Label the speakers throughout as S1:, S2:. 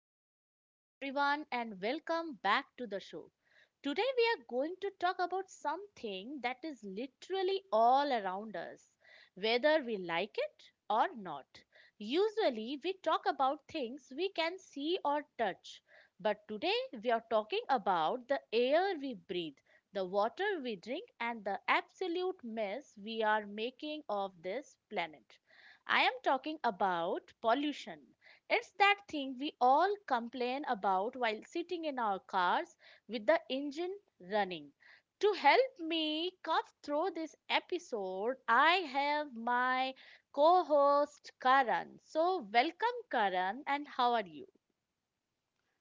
S1: Hello, everyone, and welcome back to the show. Today, we are going to talk about something that is literally all around us, whether we like it or not. Usually, we talk about things we can see or touch, but today, we are talking about the air we breathe, the water we drink, and the absolute mess we are making of this planet. I am talking about pollution. It's that thing we all complain about while sitting in our cars with the engine running. To help me cut through this episode, I have my co host Karan. So, welcome, Karan, and how are you?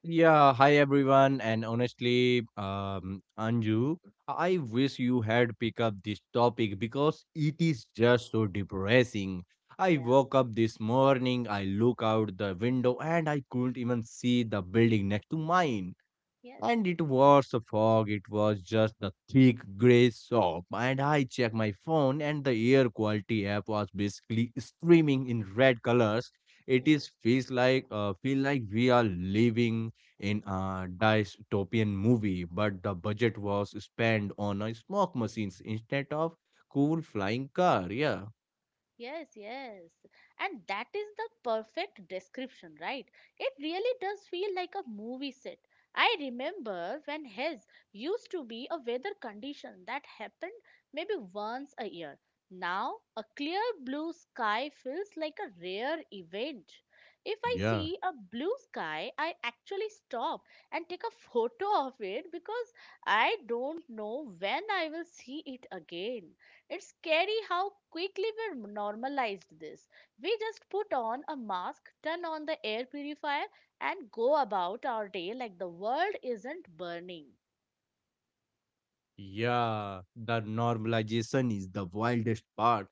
S2: Yeah, hi everyone, and honestly, Anju, I wish you had picked up this topic because it is just so depressing. I
S1: Yeah.
S2: woke up this morning, I look out the window, and I couldn't even see the building next to mine.
S1: Yes.
S2: And it was a fog, it was just a thick grey soap. And I checked my phone, and the air quality app was basically screaming in red colors. It is feels like feel like we are living in a dystopian movie, but the budget was spent on a smoke machines instead of cool flying car. Yeah,
S1: Yes, yes. And that is the perfect description, right? It really does feel like a movie set. I remember when Hess used to be a weather condition that happened maybe once a year. Now, a clear blue sky feels like a rare event. If I
S2: yeah.
S1: see a blue sky, I actually stop and take a photo of it because I don't know when I will see it again. It's scary how quickly we normalized this. We just put on a mask, turn on the air purifier, and go about our day like the world isn't burning.
S2: Yeah, the normalization is the wildest part.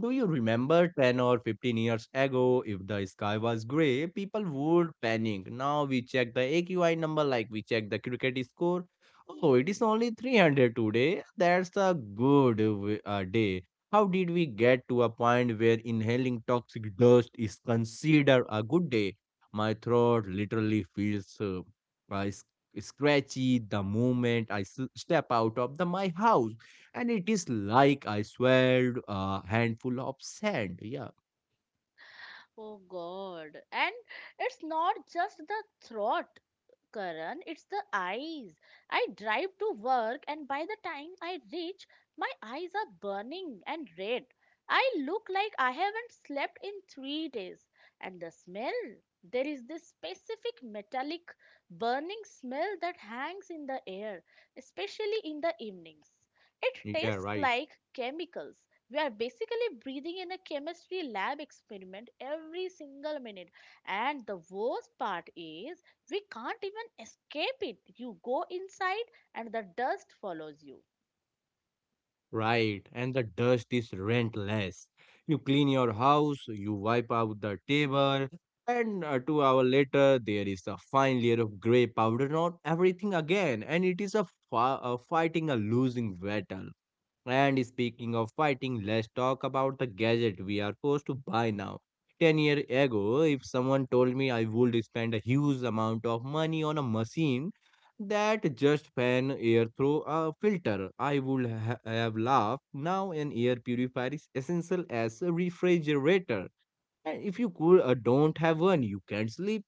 S2: Do you remember 10 or 15 years ago, if the sky was grey, people would panic. Now we check the AQI number like we check the cricket score. Oh, it is only 300 today. That's a good day. How did we get to a point where inhaling toxic dust is considered a good day? My throat literally feels uh, scratchy the moment I step out of the my house, and it is like I swallowed a handful of sand. Yeah.
S1: Oh God. And it's not just the throat. Karan, it's the eyes. I drive to work, and by the time I reach, my eyes are burning and red. I look like I haven't slept in 3 days. And the smell there is this specific metallic burning smell that hangs in the air, especially in the evenings. It
S2: Yeah,
S1: tastes
S2: right.
S1: like chemicals. We are basically breathing in a chemistry lab experiment every single minute. And the worst part is, we can't even escape it. You go inside and the dust follows you.
S2: Right. And the dust is relentless. You clean your house, you wipe out the table, and 2 hours later, there is a fine layer of gray powder on everything again. And it is a fighting a losing battle. And speaking of fighting, let's talk about the gadget we are forced to buy now. 10 years ago, if someone told me I would spend a huge amount of money on a machine that just fan air through a filter, I would have laughed. Now, an air purifier is essential as a refrigerator. And if you don't have one, you can't sleep,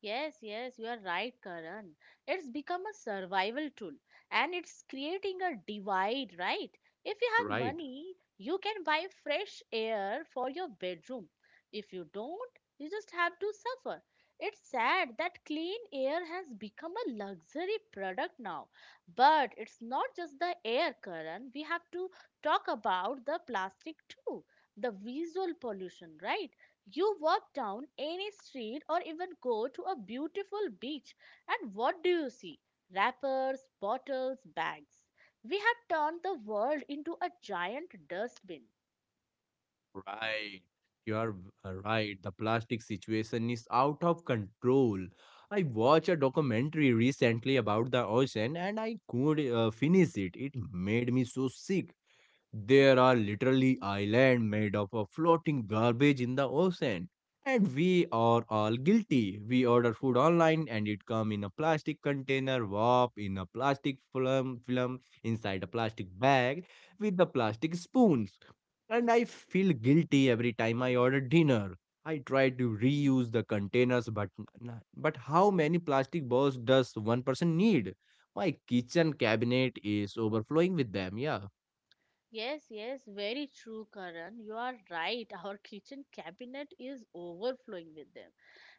S1: Yes, yes, you are right, Karan. It's become a survival tool and it's creating a divide, right? If you have
S2: right?
S1: money, you can buy fresh air for your bedroom. If you don't, you just have to suffer. It's sad that clean air has become a luxury product now. But it's not just the air, Karan. We have to talk about the plastic too, the visual pollution, right? You walk down any street or even go to a beautiful beach, and what do you see? Wrappers, bottles, bags. We have turned the world into a giant dustbin.
S2: Right. You are right. The plastic situation is out of control. I watched a documentary recently about the ocean and I could finish it. It made me so sick. There are literally islands made up of floating garbage in the ocean. And we are all guilty. We order food online and it comes in a plastic container, wrap in a plastic film, film inside a plastic bag with the plastic spoons.
S1: Mhm.
S2: And I feel guilty every time I order dinner. I try to reuse the containers, but but how many plastic bowls does one person need? My kitchen cabinet is overflowing with them. Yeah,
S1: Yes, yes, very true, Karan. You are right. Our kitchen cabinet is overflowing with them.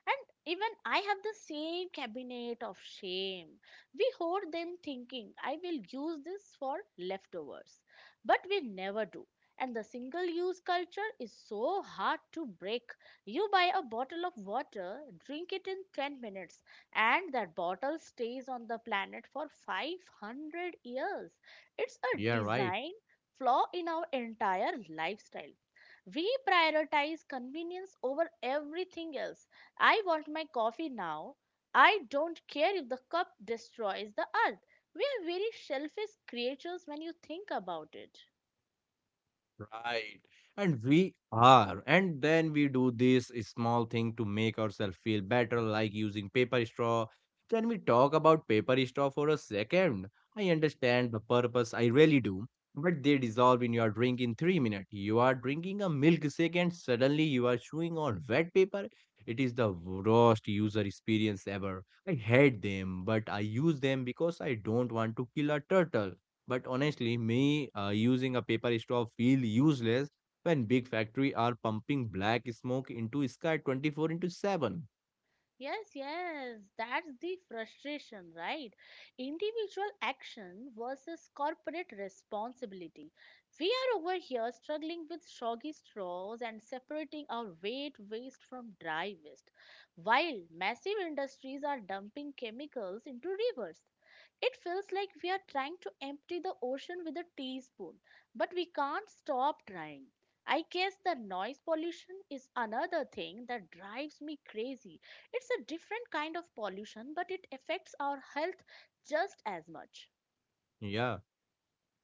S1: And even I have the same cabinet of shame. We hoard them thinking, I will use this for leftovers. But we never do. And the single use culture is so hard to break. You buy a bottle of water, drink it in 10 minutes, and that bottle stays on the planet for 500 years. It's a
S2: yeah, right.
S1: design flaw in our entire lifestyle. We prioritize convenience over everything else. I want my coffee now. I don't care if the cup destroys the earth. We are very selfish creatures when you think about it.
S2: Right. And we are. And then we do this small thing to make ourselves feel better, like using paper straw. Can we talk about paper straw for a second? I understand the purpose, I really do. But they dissolve in your drink in 3 minutes. You are drinking a milkshake and suddenly you are chewing on wet paper. It is the worst user experience ever. I hate them, but I use them because I don't want to kill a turtle. But honestly, me using a paper straw feel useless when big factory are pumping black smoke into sky 24 into 7.
S1: Yes, yes, that's the frustration, right? Individual action versus corporate responsibility. We are over here struggling with soggy straws and separating our wet waste from dry waste, while massive industries are dumping chemicals into rivers. It feels like we are trying to empty the ocean with a teaspoon, but we can't stop trying. I guess the noise pollution is another thing that drives me crazy. It's a different kind of pollution, but it affects our health just as much.
S2: Yeah.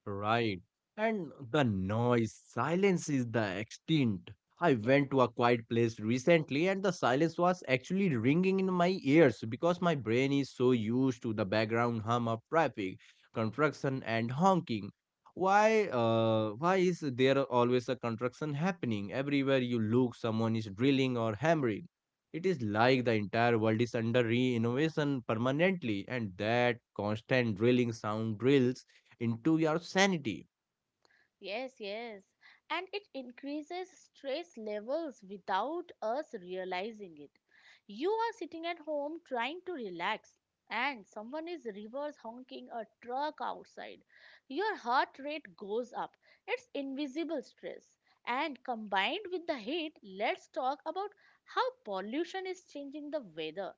S2: Right. And the noise, silence is the extent. I went
S1: Yes.
S2: to a quiet place recently and the silence was actually ringing in my ears because my brain is so used to the background hum of traffic, construction and honking. Why is there always a construction happening? Everywhere you look, someone is drilling or hammering. It
S1: Hmm.
S2: is like the entire world is under re-innovation permanently and that constant drilling sound drills into your sanity,
S1: Yes, yes. And it increases stress levels without us realizing it. You are sitting at home trying to relax, and someone is reverse honking a truck outside. Your heart rate goes up. It's invisible stress. And combined with the heat, let's talk about how pollution is changing the weather.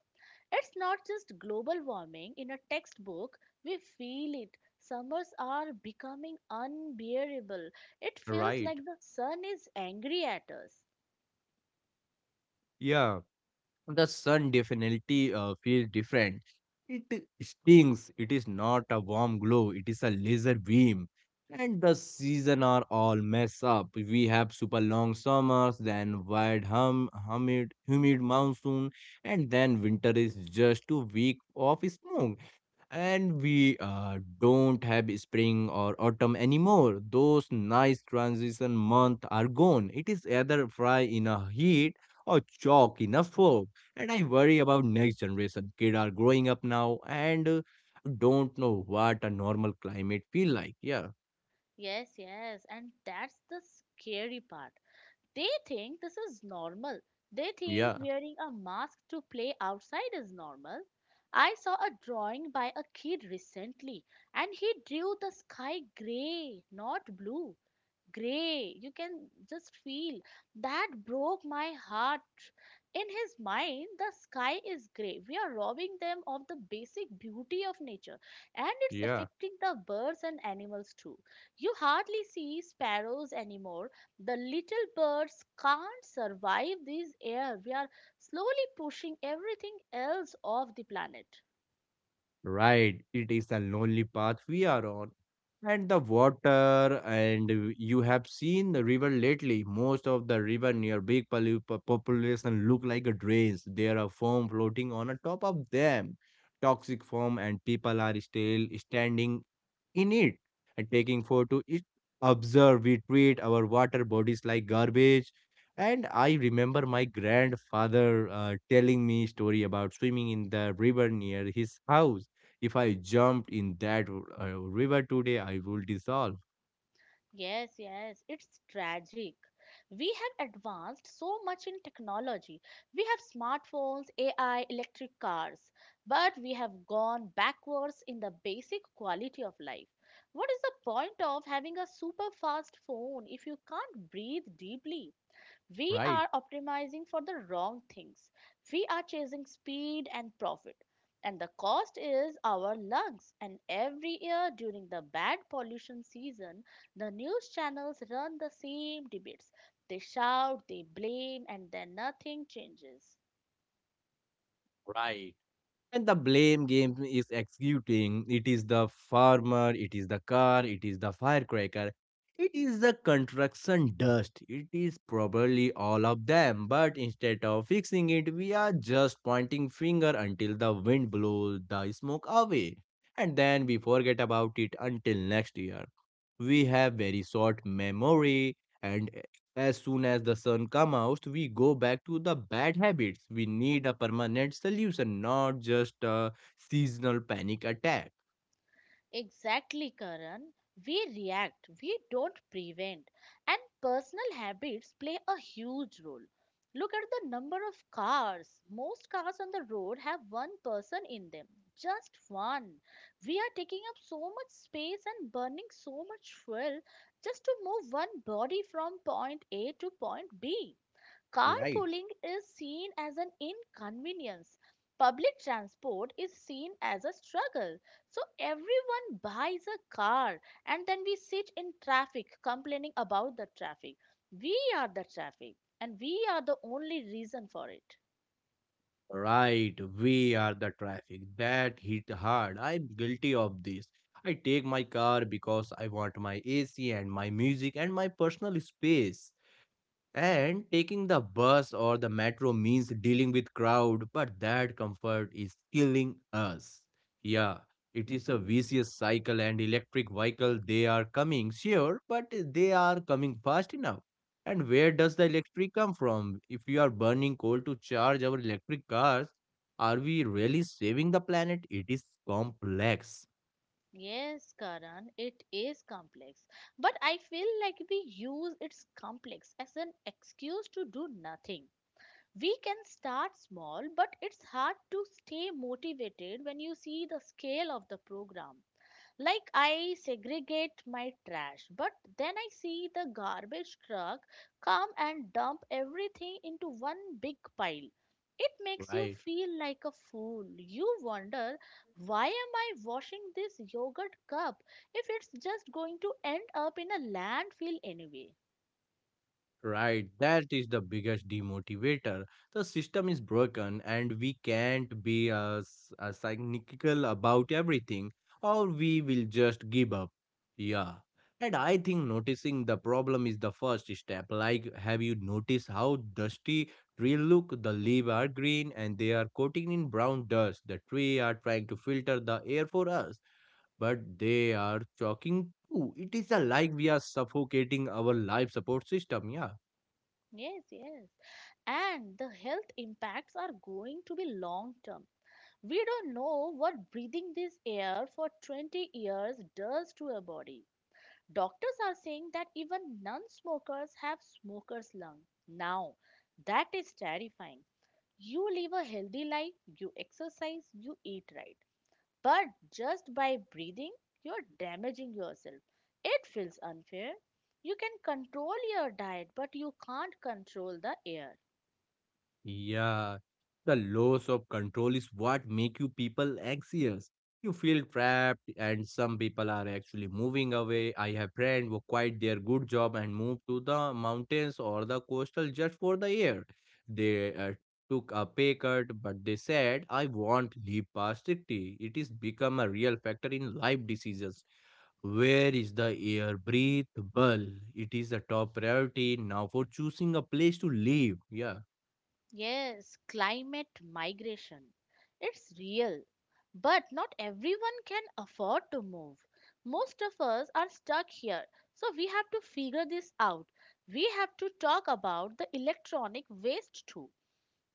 S1: It's not just global warming in a textbook, we feel it. Summers are becoming unbearable. It feels
S2: right?
S1: like the sun is angry at us.
S2: Yeah. The sun definitely feels different. It stings. It is not a warm glow. It is a laser beam. And the season are all mess up. We have super long summers, then wide humid monsoon, and then winter is just a week of smoke. And we don't have spring or autumn anymore. Those nice transition month are gone. It is either fry in a heat or chalk in a fog. And I worry about next generation. Kids are growing up now and don't know what a normal climate feel like. Yeah,
S1: Yes, yes, and that's the scary part. They think this is normal. They think
S2: yeah,
S1: wearing a mask to play outside is normal. I saw a drawing by a kid recently and he drew the sky gray, not blue. Gray. You can just feel that broke my heart. In his mind, the sky is gray. We are robbing them of the basic beauty of nature, and it's
S2: yeah.
S1: affecting the birds and animals too. You hardly see sparrows anymore. The little birds can't survive this air. We are slowly pushing everything else off the planet.
S2: Right, it is a lonely path we are on. And the water, you have seen the river lately. Most of the river near big population look like a drains. There are foam floating on a top of them, toxic foam, and people are still standing in it and taking photo it. Observe we treat our water bodies like garbage. And I remember my grandfather telling me story about swimming in the river near his house. If I jumped in that uh, river today I will dissolve.
S1: Yes, yes, it's tragic. We have advanced so much in technology. We have smartphones, AI, electric cars, but we have gone backwards in the basic quality of life. What is the point of having a super fast phone if you can't breathe deeply? We
S2: Right.
S1: are optimizing for the wrong things. We are chasing speed and profit. And the cost is our lungs. And every year during the bad pollution season, the news channels run the same debates. They shout, they blame, and then nothing changes.
S2: Right. And the blame game is executing. It is the farmer, it is the car, it is the firecracker, it is the construction dust. It is probably all of them. But instead of fixing it, we are just pointing finger until the wind blows the smoke away. And then we forget about it until next year. We have very short memory and as soon as the sun comes out, we go back to the bad habits. We need a permanent solution, not just a seasonal panic attack.
S1: Exactly, Karan. We react, we don't prevent. And personal habits play a huge role. Look at the number of cars. Most cars on the road have one person in them. Just one. We are taking up so much space and burning so much fuel just to move one body from point A to point B.
S2: Right.
S1: Carpooling is seen as an inconvenience. Public transport is seen as a struggle. So everyone buys a car and then we sit in traffic complaining about the traffic. We are the traffic and we are the only reason for it.
S2: Right, we are the traffic. That hit hard. I'm guilty of this. I take my car because I want my AC and my music and my personal space. And taking the bus or the metro means dealing with crowd, but that comfort is killing us. Yeah, it is a vicious cycle and electric vehicle they are coming, sure, but they are coming fast enough. And where does the electric come from? If we are burning coal to charge our electric cars, are we really saving the planet? It is complex,
S1: Yes, Karan, it is complex. But I feel like we use its complex as an excuse to do nothing. We can start small, but it's hard to stay motivated when you see the scale of the program. Like, I segregate my trash, but then I see the garbage truck come and dump everything into one big pile. It makes you
S2: right?
S1: feel like a fool. You wonder, why am I washing this yogurt cup if it's just going to end up in a landfill anyway?
S2: Right, that is the biggest demotivator. The system is broken, and we can't be as cynical about everything, or we will just give up. Yeah, and I think noticing the problem is the first step. Like, have you noticed how dusty trees look? The leaves are green, and they are coated in brown dust. The tree are trying to filter the air for us, but they are choking too. It is a like we are suffocating our life support system. Yeah.
S1: Yes, yes. And the health impacts are going to be long term. We don't know what breathing this air for 20 years does to a body. Doctors are saying that even non smokers have smokers' lung. Now, that is terrifying. You live a healthy life, you exercise, you eat right. But just by breathing, you're damaging yourself. It feels unfair. You can control your diet, but you can't control the air.
S2: Yeah, the loss of control is what make you people anxious. You feel trapped, and some people are actually moving away. I have friends who quit their good job and moved to the mountains or the coastal just for the air. They took a pay cut, but they said, "I won't leave past 60." It is become a real factor in life decisions. Where is the air breathable? It is the top priority now for choosing a place to live. Yeah,
S1: Yes, climate migration. It's real, but not everyone can afford to move. Most of us are stuck here, so we have to figure this out. We have to talk about the electronic waste too,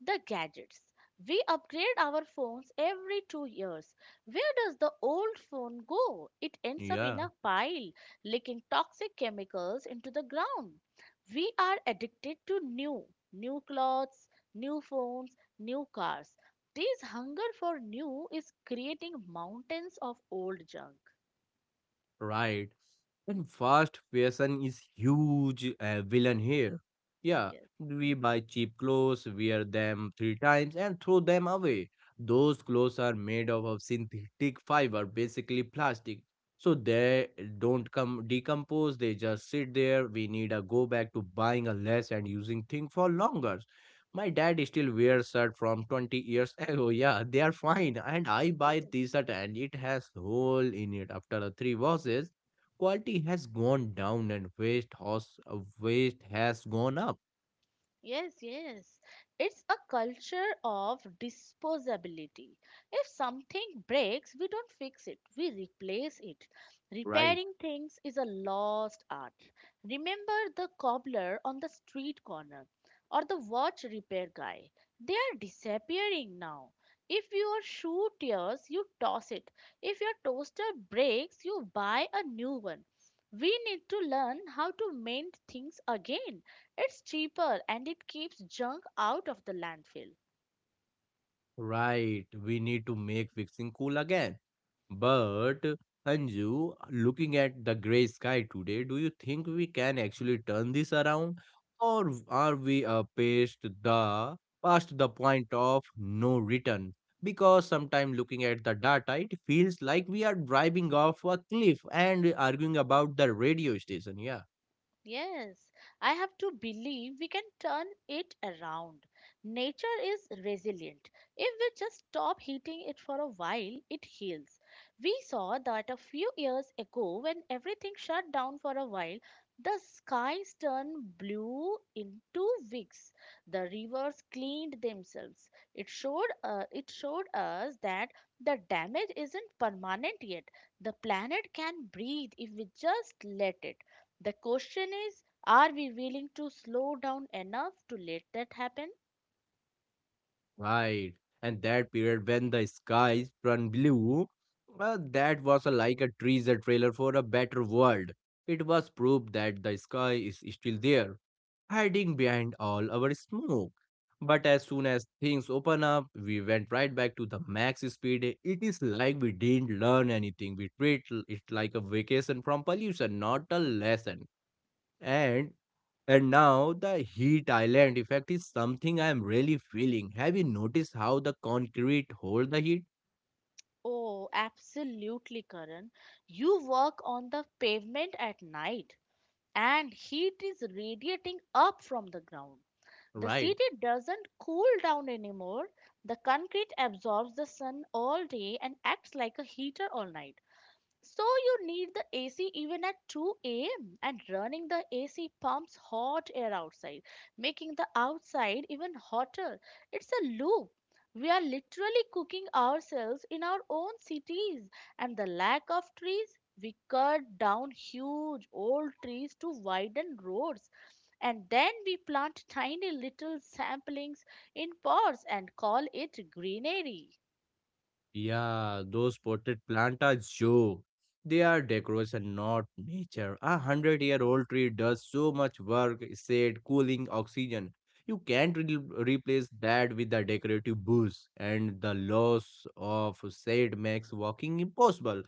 S1: the gadgets. We upgrade our phones every 2 years. Where does the old phone go? It ends up in
S2: yeah.
S1: a pile, leaking toxic chemicals into the ground. We are addicted to new, new clothes, new phones, new cars. This hunger for new is creating mountains of old junk.
S2: Right. And fast fashion is huge villain here. Yeah,
S1: Yes,
S2: we buy cheap clothes, wear them three times, and throw them away. Those clothes are made of a synthetic fiber, basically plastic. So they don't come decompose, they just sit there. We need a go back to buying a less and using thing for longer. My dad still wears shirt from 20 years ago. Yeah, they are fine. And I buy
S1: yes.
S2: t-shirt and it has hole in it after the three washes. Quality has gone down and waste has gone up.
S1: Yes, yes. It's a culture of disposability. If something breaks, we don't fix it, we replace it.
S2: Right.
S1: Repairing things is a lost art. Remember the cobbler on the street corner or the watch repair guy. They are disappearing now. If your shoe tears, you toss it. If your toaster breaks, you buy a new one. We need to learn how to mend things again. It's cheaper and it keeps junk out of the landfill.
S2: Right. We need to make fixing cool again. But Anju, looking at the gray sky today, do you think we can actually turn this around, or are we past the point of no return? Because sometimes looking at the data, it feels like we are driving off a cliff and arguing about the radio station. Yeah.
S1: Yes, I have to believe we can turn it around. Nature is resilient. If we just stop heating it for a while, it heals. We saw that a few years ago when everything shut down for a while, the skies turned blue in 2 weeks. The rivers cleaned themselves. It showed us that the damage isn't permanent yet. The planet can breathe if we just let it. The question is, are we willing to slow down enough to let that happen?
S2: Right. And that period when the skies turned blue, well, that was like a teaser trailer for a better world. It was proof that the sky is still there, hiding behind all our smoke. But as soon as things open up, we went right back to the max speed. It is like we didn't learn anything. We treat it like a vacation from pollution, not a lesson. And and now the heat island effect is something I am really feeling. Have you noticed how the concrete hold the heat?
S1: Oh, absolutely, Karan. You work on the pavement at night and heat is radiating up from the ground. The
S2: Right.
S1: city doesn't cool down anymore. The concrete absorbs the sun all day and acts like a heater all night. So you need the AC even at 2 a.m. and running the AC pumps hot air outside, making the outside even hotter. It's a loop. We are literally cooking ourselves in our own cities and the lack of trees. We cut down huge old trees to widen roads and then we plant tiny little samplings in pots and call it greenery.
S2: Yeah, those potted plants are joke. They are decoration, not nature. 100-year-old tree does so much work, shade, cooling, oxygen. You can't replace that with a decorative bush, and the loss of shade makes walking impossible.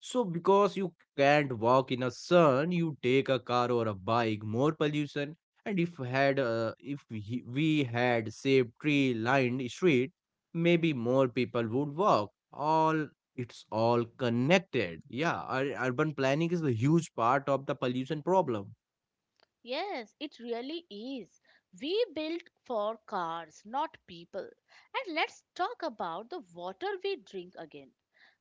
S2: So, because you can't walk in a sun, you take a car or a bike, more pollution. And if had if he- we had saved tree lined street, maybe more people would walk all it's all connected, yeah, urban planning is a huge part of the pollution problem.
S1: Yes, it really is. We built for cars, not people. And let's talk about the water we drink again.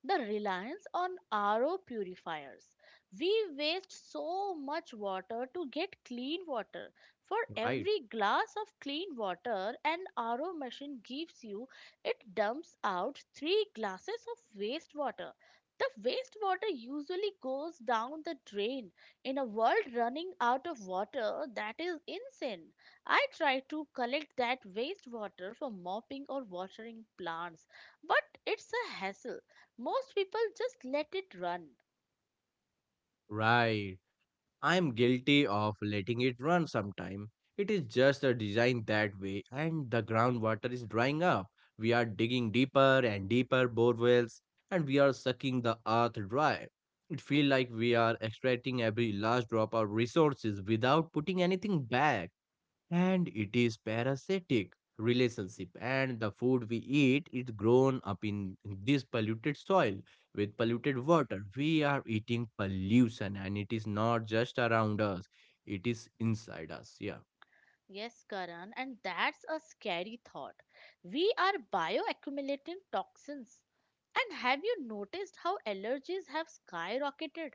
S1: The reliance on RO purifiers. We waste so much water to get clean water. For
S2: Right.
S1: every glass of clean water an RO machine gives you, it dumps out 3 glasses of wastewater. The wastewater usually goes down the drain in a world running out of water. That is insane. I try to collect that wastewater for mopping or watering plants, but it's a hassle. Most people just let it run.
S2: Right, I am guilty of letting it run sometime. It is just a design that way, and the groundwater is drying up. We are digging deeper and deeper bore wells, and we are sucking the earth dry. It feels like we are extracting every last drop of resources without putting anything back, and it is parasitic relationship. And the food we eat is grown up in this polluted soil, with polluted water. We are eating pollution, and it is not just around us, it is inside us. Yeah.
S1: Yes, Karan, and that's a scary thought. We are bioaccumulating toxins. And have you noticed how allergies have skyrocketed?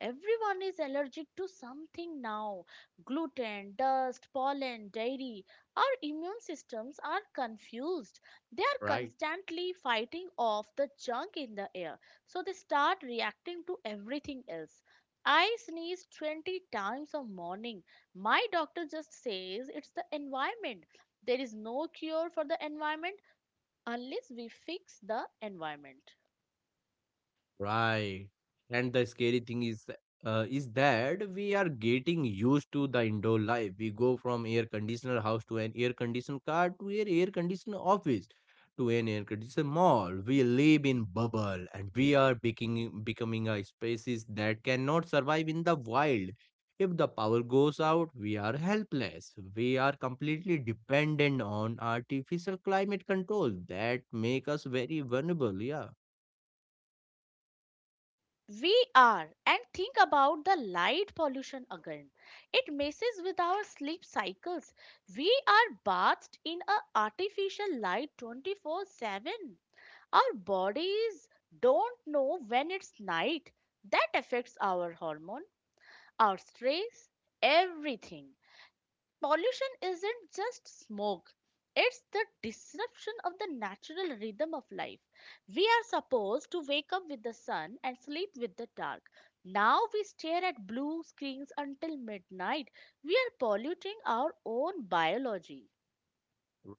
S1: Everyone is allergic to something now: gluten, dust, pollen, dairy. Our immune systems are confused. They are
S2: Right.
S1: constantly fighting off the junk in the air, so they start reacting to everything else. I sneeze 20 times a morning. My doctor just says it's the environment. There is no cure for the environment unless we fix the environment.
S2: Right. And the scary thing is that we are getting used to the indoor life. We go from air conditioner house to an air conditioned car to an air conditioned office to an air conditioned mall. We live in bubble, and we are becoming a species that cannot survive in the wild. If the power goes out, we are helpless. We are completely dependent on artificial climate control that make us very vulnerable. Yeah.
S1: We are. And think about the light pollution again. It messes with our sleep cycles. We are bathed in a artificial light 24/7. Our bodies don't know when it's night. That affects our hormone, our stress, everything. Pollution isn't just smoke, it's the disruption of the natural rhythm of life. We are supposed to wake up with the sun and sleep with the dark. Now we stare at blue screens until midnight. We are polluting our own biology.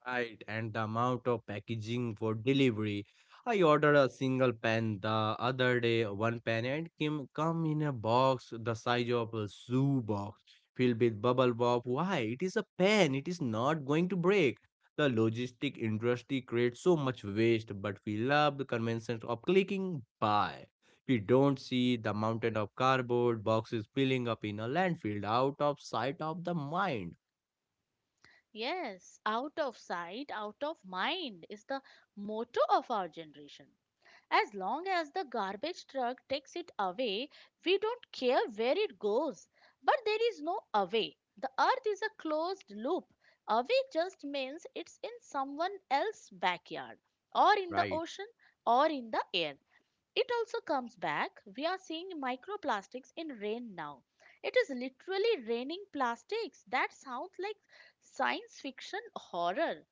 S2: Right, and the amount of packaging for delivery. I ordered a single pen the other day, one pen, and came come in a box the size of a shoe box filled with bubble wrap. Why? It is a pen. It is not going to break. The logistic industry creates so much waste, but we love the convenience of clicking buy. We don't see the mountain of cardboard boxes piling up in a landfill out of sight of the mind.
S1: Yes, out of sight, out of mind is the motto of our generation. As long as the garbage truck takes it away, we don't care where it goes. But there is no away. The earth is a closed loop. Away just means it's in someone else's backyard, or in the
S2: Right.
S1: ocean, or in the air. It also comes back. We are seeing microplastics in rain now. It is literally raining plastics. That sounds like science fiction horror.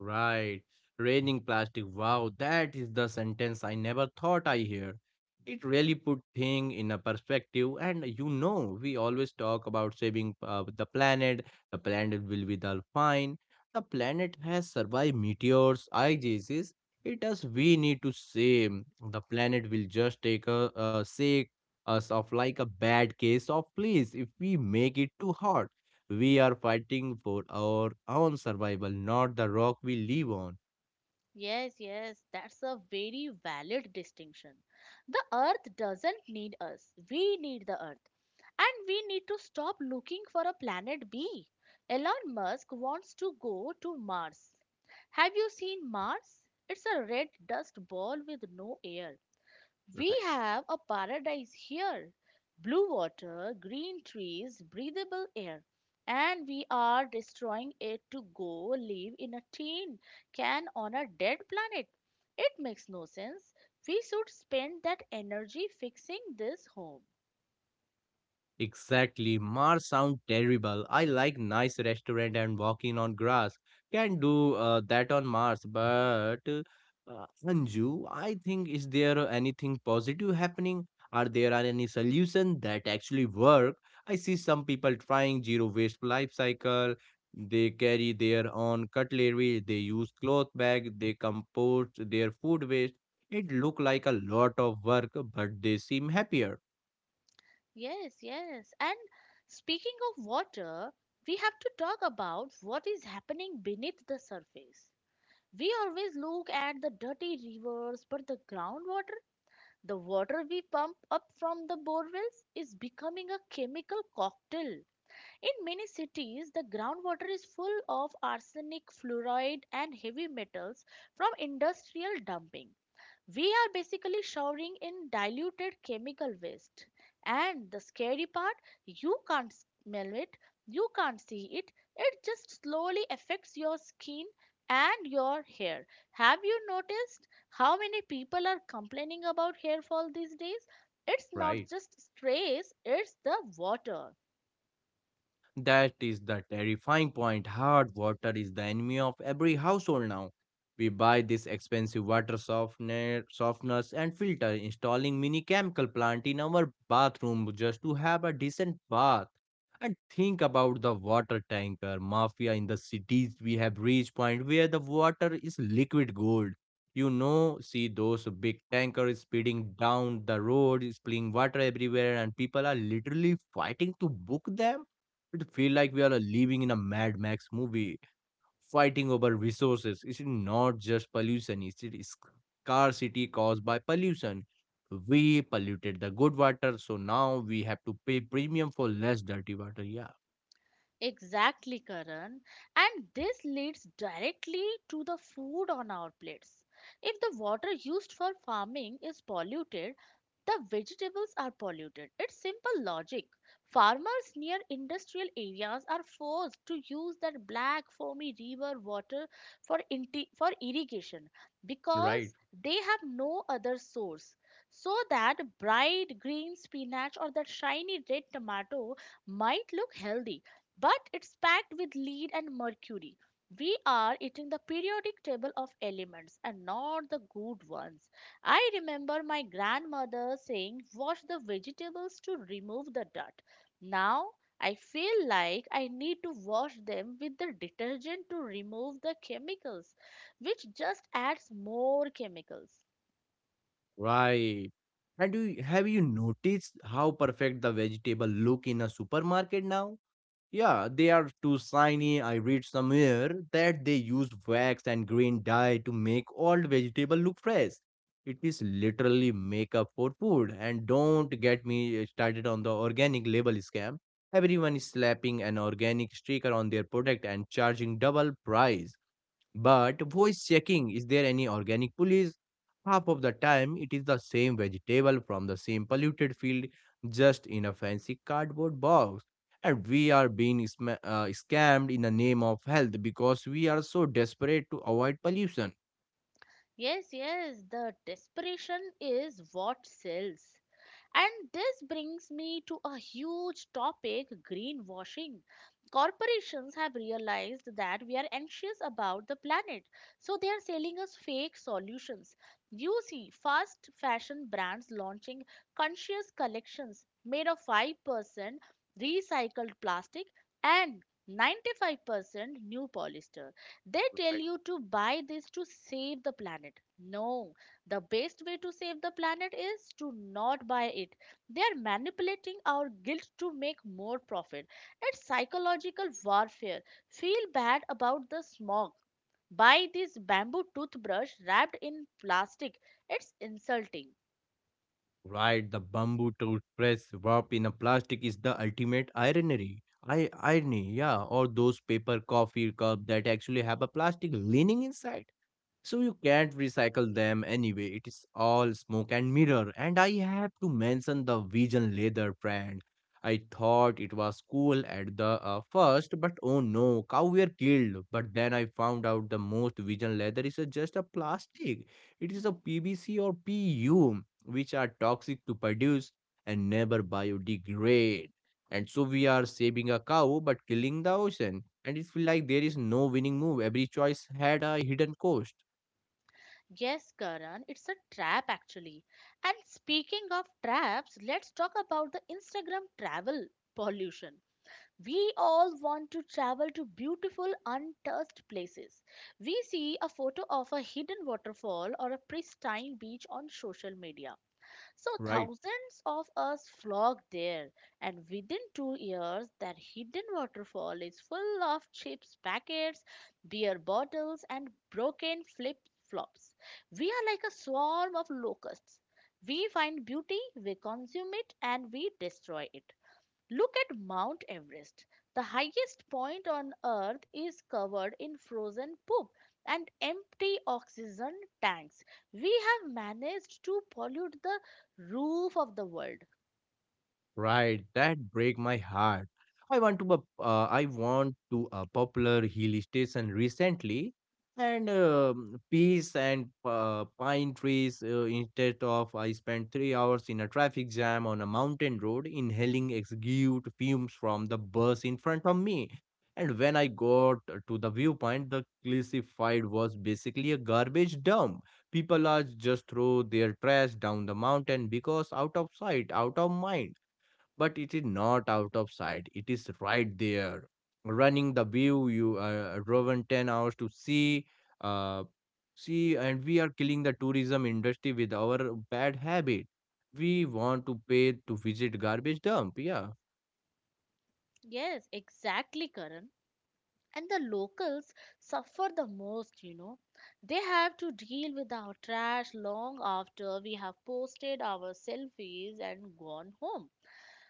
S2: Right. Raining plastic. Wow, that is the sentence I never thought I hear. It really put thing in a perspective, and we always talk about saving the planet. The planet will be the fine. The planet has survived meteors, ices. It does. We need to save. The planet will just take a sick us of like a bad case of fleas if we make it too hot. We are fighting for our own survival, not the rock we live on.
S1: Yes, yes, that's a very valid distinction. The earth doesn't need us. We need the earth. And we need to stop looking for a planet B. Elon Musk wants to go to Mars. Have you seen Mars? It's a red dust ball with no air. We
S2: Right?
S1: have a paradise here: blue water, green trees, breathable air. And we are destroying it to go live in a tin can on a dead planet. It makes no sense. We should spend that energy fixing this home.
S2: Exactly. Mars sound terrible. I like nice restaurant and walking on grass. Can do that on Mars, but Anju, I think, is there anything positive happening? Are there are any solution that actually work? I see some people trying zero waste life cycle. They carry their own cutlery. They use cloth bag. They compost their food waste. It look like a lot of work, but they seem happier.
S1: Yes, yes. And speaking of water, we have to talk about what is happening beneath the surface. We always look at the dirty rivers, but the groundwater. The water we pump up from the bore wells is becoming a chemical cocktail. In many cities, the groundwater is full of arsenic, fluoride, and heavy metals from industrial dumping. We are basically showering in diluted chemical waste. And the scary part, you can't smell it, you can't see it, it just slowly affects your skin and your hair. Have you noticed how many people are complaining about hair fall these days? It's
S2: Right?
S1: not just stress, it's the water.
S2: That is the terrifying point. Hard water is the enemy of every household now. We buy this expensive softeners and filter, installing mini chemical plant in our bathroom just to have a decent bath. And think about the water tanker mafia in the cities. We have reached point where the water is liquid gold. You know, see those big tankers speeding down the road, spilling water everywhere, and people are literally fighting to book them. It feel like we are living in a Mad Max movie, fighting over resources. It's not just pollution; it is scarcity caused by pollution. We polluted the good water, so now we have to pay premium for less dirty water. Yeah.
S1: Exactly, Karan. And this leads directly to the food on our plates. If the water used for farming is polluted, the vegetables are polluted. It's simple logic. Farmers near industrial areas are forced to use that black foamy river water for irrigation
S2: Right,
S1: because they have no other source. So that bright green spinach or that shiny red tomato might look healthy, but it's packed with lead and mercury. We are eating the periodic table of elements, and not the good ones. I remember my grandmother saying, "Wash the vegetables to remove the dirt." Now I feel like I need to wash them with the detergent to remove the chemicals, which just adds more chemicals.
S2: right. And do have you noticed how perfect the vegetable look in a supermarket now? Yeah, they are too shiny. I read somewhere that they use wax and green dye to make old vegetable look fresh. It is literally makeup for food. And don't get me started on the organic label scam. Everyone is slapping an organic sticker on their product and charging double price. But voice checking, is there any organic police? Half of the time, it is the same vegetable from the same polluted field, just in a fancy cardboard box. And we are being sma scammed in the name of health because we are so desperate to avoid pollution.
S1: Yes, yes, the desperation is what sells. And this brings me to a huge topic: greenwashing. Corporations have realized that we are anxious about the planet, so they are selling us fake solutions. You see, fast fashion brands launching conscious collections made of 5% recycled plastic and 95% new polyester. They tell you to buy this to save the planet. No, the best way to save the planet is to not buy it. They are manipulating our guilt to make more profit. It's psychological warfare. Feel bad about the smog. Buy this bamboo toothbrush wrapped in plastic. It's insulting.
S2: Right, the bamboo toothbrush wrapped in a plastic is the ultimate irony. I irony, yeah, or those paper coffee cup that actually have a plastic lining inside. So you can't recycle them anyway. It is all smoke and mirror. And I have to mention the Vision leather brand. I thought it was cool at the first, but oh no, cow were killed. But then I found out the most Vision leather is just a plastic. It is a
S1: Hmm.
S2: PVC or PU, which are toxic to produce and never biodegrade. And so we are saving a cow but killing the ocean. And it feels like there is no winning move. Every choice had a hidden cost.
S1: Yes, Karan, it's a trap actually. And speaking of traps, let's talk about the Instagram travel pollution. We all want to travel to beautiful, untouched places. We see a photo of a hidden waterfall or a pristine beach on social media. So,
S2: Right.
S1: thousands of us flock there, and within 2 years, that hidden waterfall is full of chips packets, beer bottles, and broken flip flops. We are like a swarm of locusts. We find beauty, we consume it, and we destroy it. Look at Mount Everest. The highest point on earth is covered in frozen poop and empty oxygen tanks. We have managed to pollute the roof of the world.
S2: Right, that break my heart. I I want to a popular hill station recently, and peace and pine trees. Instead of, I spent 3 hours in a traffic jam on a mountain road, inhaling exhaled fumes from the bus in front of me. And when I got to the viewpoint, the classified was basically a garbage dump. People are just throw their trash down the mountain because out of sight, out of mind, but it is not out of sight, it is right there, running the view you driven 10 hours to see uh, see. And we are killing the tourism industry with our bad habit. We want to pay to visit garbage dump. Yeah.
S1: Yes, exactly, Karan. And the locals suffer the most, you know. They have to deal with our trash long after we have posted our selfies and gone home.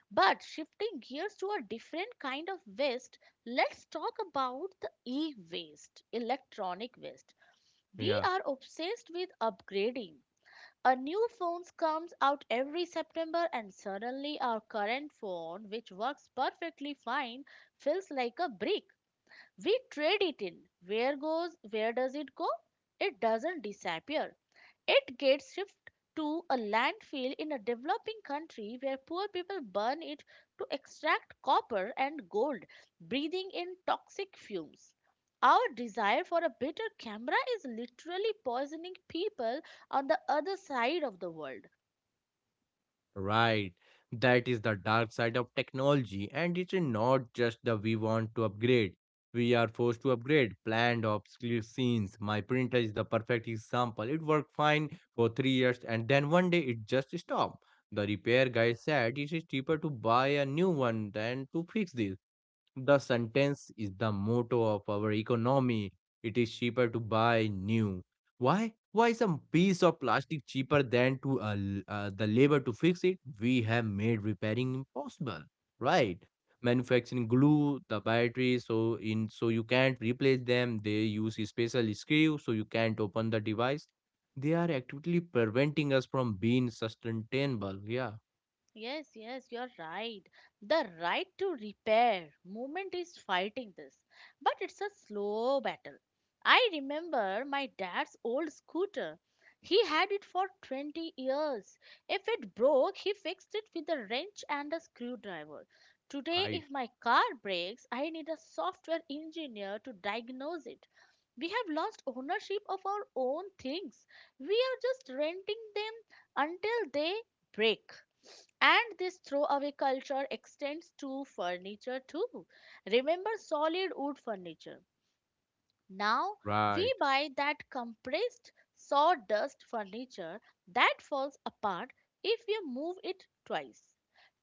S1: But shifting gears to a different kind of waste, let's talk about the e waste, electronic waste. We
S2: Yeah.
S1: are obsessed with upgrading. A new phone comes out every September, and suddenly our current phone, which works perfectly fine, feels like a brick. We trade it in. Where does it go? It doesn't disappear. It gets shipped to a landfill in a developing country where poor people burn it to extract copper and gold, breathing in toxic fumes. Our desire for a better camera is literally poisoning people on the other side of the world.
S2: Right. That is the dark side of technology, and it's not just the we want to upgrade. We are forced to upgrade planned obscure scenes. My printer is the perfect example. It worked fine for 3 years and then one day it just stopped. The repair guy said it is cheaper to buy a new one than to fix this. The sentence is the motto of our economy. It is cheaper to buy new. Why? Why is a piece of plastic cheaper than to the labor to fix it? We have made repairing impossible. Right? Manufacturing glue the batteries so in so you can't replace them. They use a special screw so you can't open the device. They are actively preventing us from being sustainable. Yeah,
S1: Yes, yes, you're right. The right to repair movement is fighting this, but it's a slow battle. I remember my dad's old scooter. He had it for 20 years. If it broke, he fixed it with a wrench and a screwdriver. Today,
S2: right,
S1: if my car breaks, I need a software engineer to diagnose it. We have lost ownership of our own things. We are just renting them until they break. And this throwaway culture extends to furniture too. Remember solid wood furniture. Now
S2: right.
S1: we buy that compressed sawdust furniture that falls apart if you move it twice.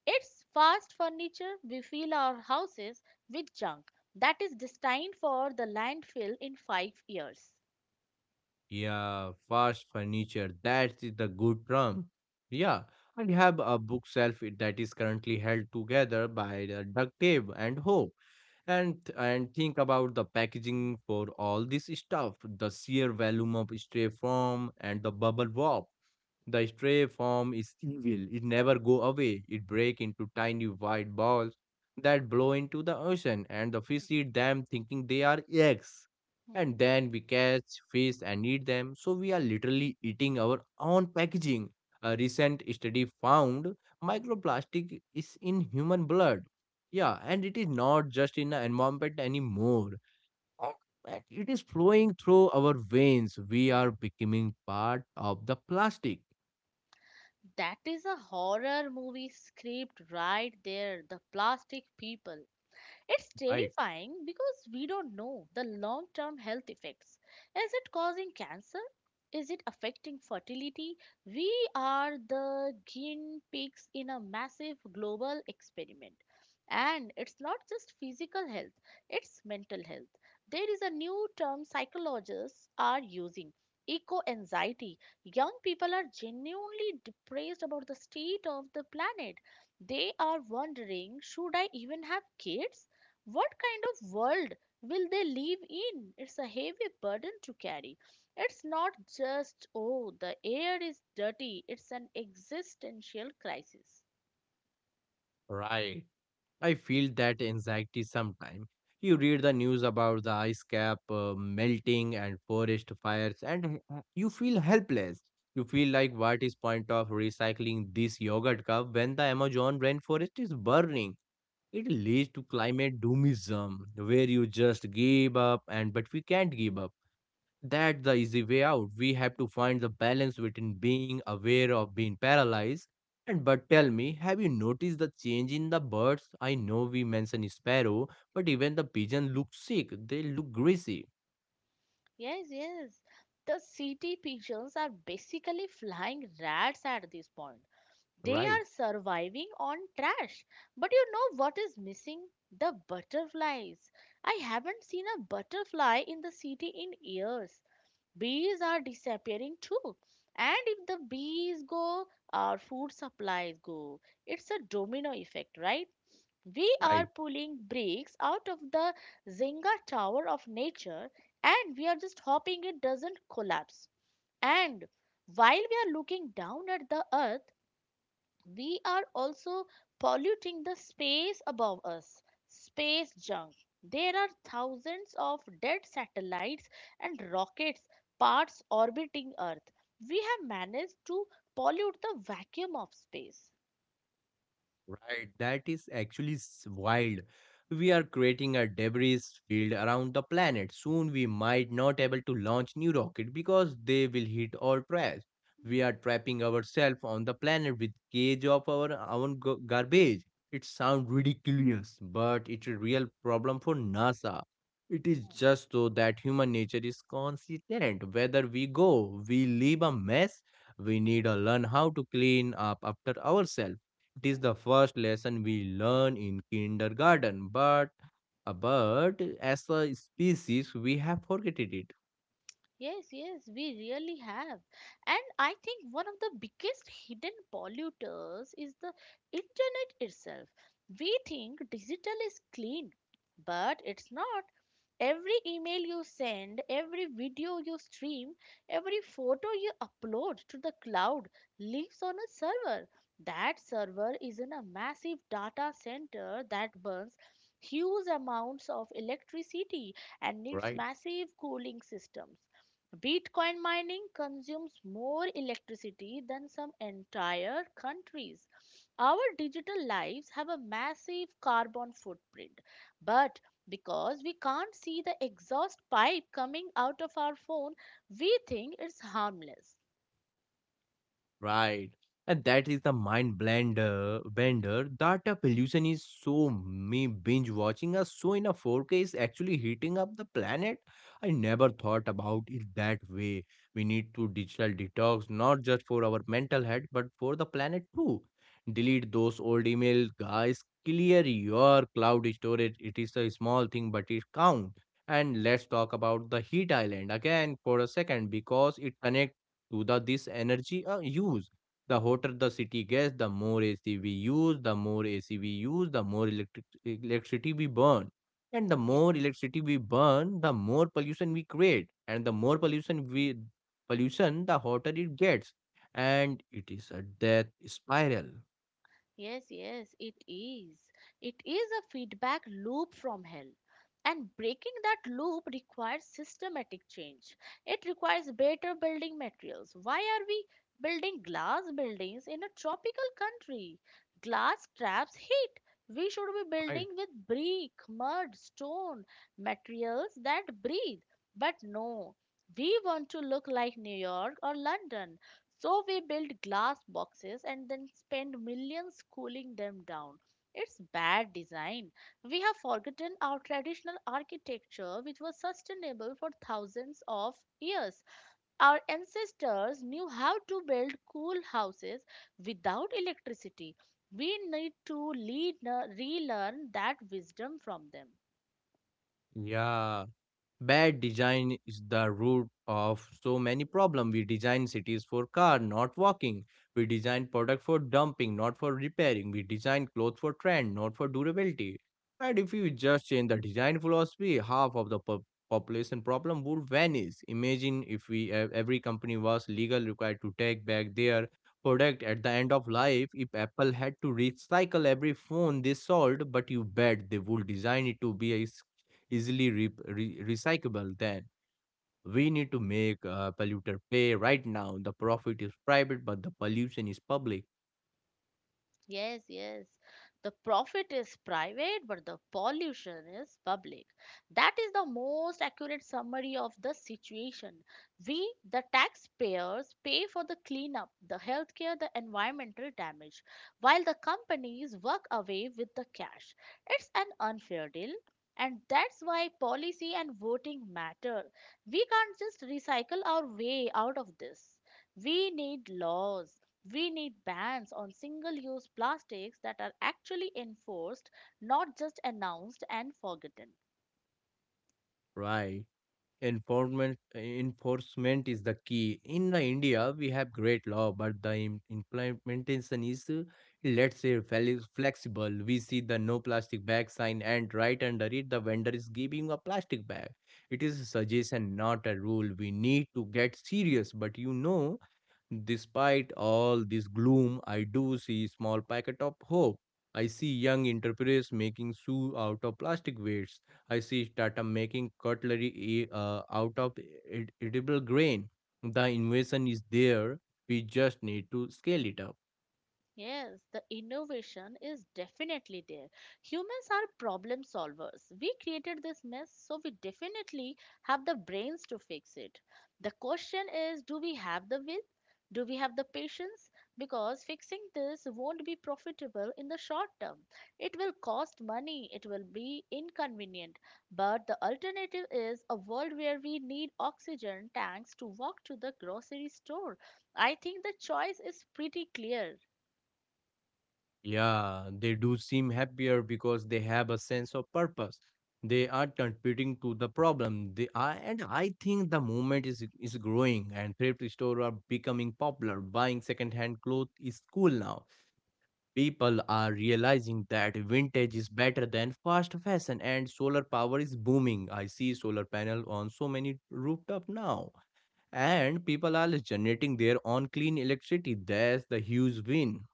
S1: It's fast furniture. We fill our houses with junk that is destined for the landfill in 5 years.
S2: Yeah, fast furniture. That's the good term. Yeah, I have a bookshelf that is currently held together by the duct tape and hope. And think about the packaging for all this stuff, the sheer
S1: Mhm.
S2: volume of stray foam and the bubble wrap. The stray form is evil. It never go away. It break into tiny white balls that blow into the ocean and the fish eat them thinking they are eggs.
S1: Hmm.
S2: And then we catch fish and eat them. So we are literally eating our own packaging. A recent study found microplastic is in human blood. Yeah, and it is not just in the environment anymore. Uh, and it is flowing through our veins. We are becoming part of the plastic.
S1: That is a horror movie script right there. The plastic people. It's
S2: Right,
S1: terrifying because we don't know the long term health effects. Is it causing cancer? Is it affecting fertility? We are the guinea pigs in a massive global experiment. And it's not just physical health, it's mental health. There is a new term psychologists are using: eco anxiety. Young people are genuinely depressed about the state of the planet. They are wondering, should I even have kids? What kind of world will they live in? It's a heavy burden to carry. It's not just, oh, the air is dirty, it's an existential crisis.
S2: right. I feel that anxiety sometimes. You read the news about the ice cap melting and forest fires, and you feel helpless. You feel like what is point of recycling this yogurt cup when the Amazon rainforest is burning? It leads to climate doomism, where you just give up, and but we can't give up. That's the easy way out. We have to find the balance between being aware of being paralyzed. And but tell me, have you noticed the change in the birds? I know we mentioned sparrow, but even the pigeon look sick. They look greasy.
S1: Yes, yes. The city pigeons are basically flying rats at this point. They
S2: Right,
S1: are surviving on trash. But you know what is missing? The butterflies. I haven't seen a butterfly in the city in years. Bees are disappearing too. And if the bees go, our food supplies go. It's a domino effect, right? We are
S2: right.
S1: pulling bricks out of the Zynga tower of nature, and we are just hoping it doesn't collapse. And while we are looking down at the earth, we are also polluting the space above us. Space junk. There are thousands of dead satellites and rockets parts orbiting earth. We have managed to pollute the vacuum of space.
S2: Right, that is actually wild. We are creating a debris field around the planet. Soon we might not able to launch new rocket because they will hit or crash. We are trapping ourselves on the planet with cage of our own garbage. It sounds ridiculous, but it's a real problem for NASA. It is
S1: Mm,
S2: just so that human nature is consistent. Whether we go, we leave a mess. We need to learn how to clean up after ourselves. It is the
S1: mm.
S2: first lesson we learn in kindergarten, but but as a species we have forgotten it.
S1: Yes, yes, we really have. And I think one of the biggest hidden polluters is the internet itself. We think digital is clean, but it's not. Every email you send, every video you stream, every photo you upload to the cloud lives on a server. That server is in a massive data center that burns huge amounts of electricity and needs
S2: Right?
S1: massive cooling systems. Bitcoin mining consumes more electricity than some entire countries. Our digital lives have a massive carbon footprint, but because we can't see the exhaust pipe coming out of our phone, we think it's harmless.
S2: Right. And that is the mind blender bender that a pollution is so me binge watching us so in a 4K is actually heating up the planet. I never thought about it that way. We need to digital detox not just for our mental health but for the planet too. Delete those old emails, guys. Clear your cloud storage. It is a small thing, but it counts. And
S1: Hmm.
S2: let's talk about the heat island again for a second because it connects to the this energy use. The hotter the city gets, the more ac we use. The more ac we use, the more electricity we burn, and the more electricity we burn, the more pollution we create, and the more pollution we pollution, the hotter it gets. And it is a death spiral.
S1: Yes, yes, it is. It is a feedback loop from hell. And breaking that loop requires systematic change. It requires better building materials. Why are we building glass buildings in a tropical country? Glass traps heat. We should be
S2: Right.
S1: building with brick, mud, stone, materials that breathe. But no, we want to look like New York or London. So we build glass boxes and then spend millions cooling them down. It's bad design. We have forgotten our traditional architecture, which was sustainable for thousands of years. Our ancestors knew how to build cool houses without electricity. We need to relearn that wisdom from them.
S2: Yeah. Bad design is the root of so many problems. We design cities for car, not walking. We design product for dumping, not for repairing. We design clothes for trend, not for durability. And if we just change the design philosophy, half of the population problem would vanish. Imagine if every company was legal required to take back their product at the end of life. If Apple had to recycle every phone they sold, but you bet they would design it to be a recyclable, then we need to make polluter pay right now. The profit is private, but the pollution is public.
S1: Yes, yes. The profit is private, but the pollution is public. That is the most accurate summary of the situation. We, the taxpayers, pay for the cleanup, the healthcare, the environmental damage, while the companies work away with the cash. It's an unfair deal. And that's why policy and voting matter. We can't just recycle our way out of this. We need laws, we need bans on single use plastics that are actually enforced, not just announced and forgotten.
S2: Right? Enforcement is the key. In the India, we have great law, but the implementation is, let's say, flexible. We see the no plastic bag sign, and right under it, the vendor is giving a plastic bag. It is a suggestion, not a rule. We need to get serious, but you know, despite all this gloom, I do see a small packet of hope. I see young entrepreneurs making shoe out of plastic waste. I see startup making cutlery out of edible grain. The innovation is there. We just need to scale it up.
S1: Yes, the innovation is definitely there. Humans are problem solvers. We created this mess, so we definitely have the brains to fix it. The question is, do we have the will? Do we have the patience? Because fixing this won't be profitable in the short term. It will cost money, it will be inconvenient. But the alternative is a world where we need oxygen tanks to walk to the grocery store. I think the choice is pretty clear.
S2: Yeah, they do seem happier because they have a sense of purpose. They are contributing to the problem. They are, and I think the movement is growing, and thrift stores are becoming popular. Buying secondhand clothes is cool now. People are realizing that vintage is better than fast fashion, and solar power is booming. I see solar panel on so many rooftop now. And people are generating their own clean electricity. That's the huge win.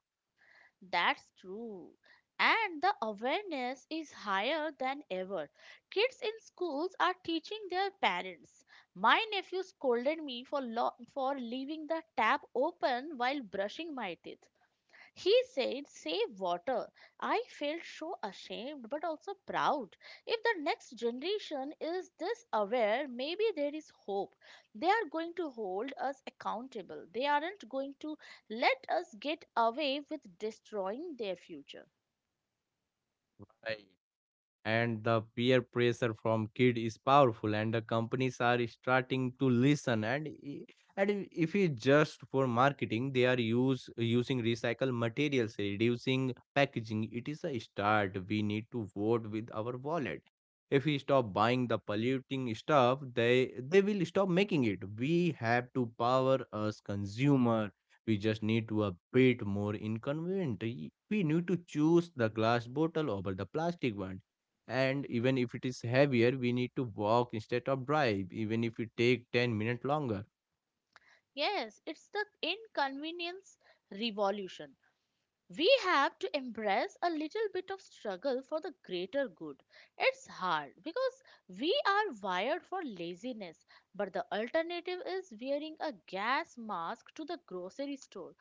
S1: That's true. And the awareness is higher than ever. Kids in schools are teaching their parents. My nephew scolded me for leaving the tap open while brushing my teeth. He said, "Save water." I felt so ashamed but also proud. If the next generation is this aware, maybe there is hope. They are going to hold us accountable. They aren't going to let us get away with destroying their future.
S2: And the peer pressure from kid is powerful, and the companies are starting to listen, and and if it's just for marketing, they are use using recycled materials, reducing packaging. It is a start. We need to vote with our wallet. If we stop buying the polluting stuff, they will stop making it. We have to power us consumer. We just need to a bit more inconvenient. We need to choose the glass bottle over the plastic one, and even if it is heavier, we need to walk instead of drive, even if it take 10 minutes longer.
S1: Yes, it's the inconvenience revolution. We have to embrace a little bit of struggle for the greater good. It's hard because we are wired for laziness, but the alternative is wearing a gas mask to the grocery store.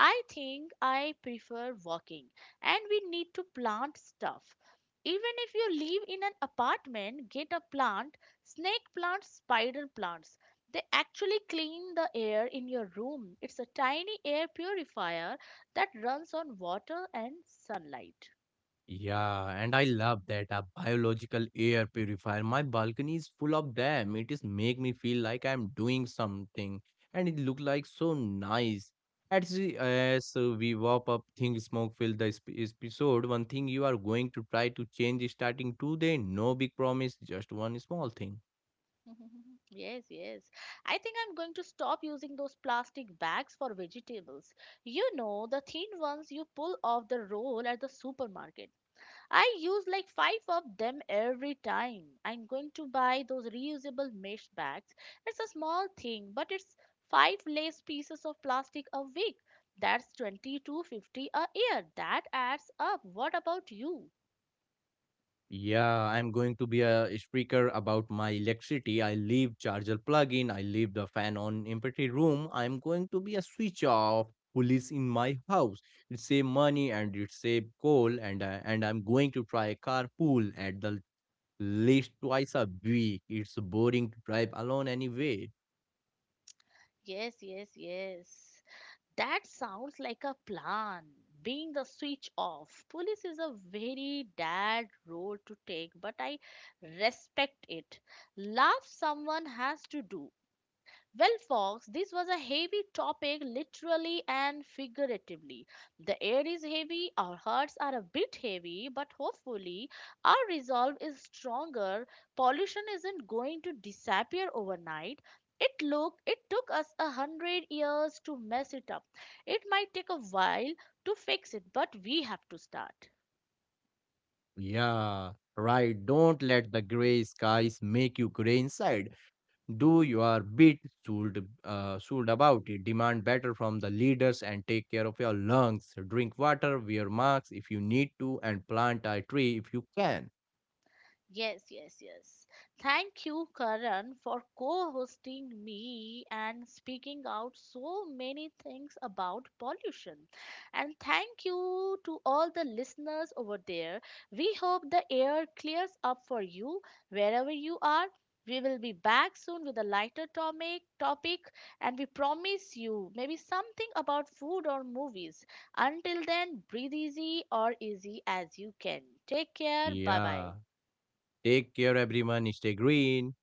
S1: I think I prefer walking, and we need to plant stuff. Even if you live in an apartment, get a plant, snake plants, spider plants. They actually clean the air in your room. It's a tiny air purifier that runs on water and sunlight.
S2: Yeah, and I love that a biological air purifier. My balcony is full of them. It is make me feel like I'm doing something, and it look like so nice. As we wrap up, think smoke fill the episode. One thing you are going to try to change is starting today. No big promise, just one small thing.
S1: Yes, yes. I think I'm going to stop using those plastic bags for vegetables. You know, the thin ones you pull off the roll at the supermarket. I use like five of them every time. I'm going to buy those reusable mesh bags. It's a small thing, but it's five less pieces of plastic a week. That's 2,250 a year. That adds up. What about you?
S2: Yeah, I'm going to be a speaker about my electricity. I leave charger plug in, I leave the fan on empty room. I'm going to be a switch off police in my house. It save money and it save coal, and I'm going to try a carpool at the least twice a week. It's boring to drive alone anyway.
S1: Yes, yes, yes. That sounds like a plan. Being the switch off. Police is a very bad road to take, but I respect it. Love someone has to do. Well, Fox, this was a heavy topic, literally and figuratively. The air is heavy, our hearts are a bit heavy, but hopefully our resolve is stronger. Pollution isn't going to disappear overnight. It look it took us 100 years to mess it up. It might take a while to fix it, but we have to start.
S2: Yeah, right. Don't let the gray skies make you gray inside. Do your bit. Should about it, demand better from the leaders, and take care of your lungs, drink water, wear masks if you need to, and plant a tree if you can.
S1: Yes, yes, yes. Thank you, Karan, for co hosting me and speaking out so many things about pollution. And thank you to all the listeners over there. We hope the air clears up for you wherever you are. We will be back soon with a lighter topic, and we promise you maybe something about food or movies. Until then, breathe easy or easy as you can. Take care. Bye bye.
S2: Yeah, take care everyone, stay green.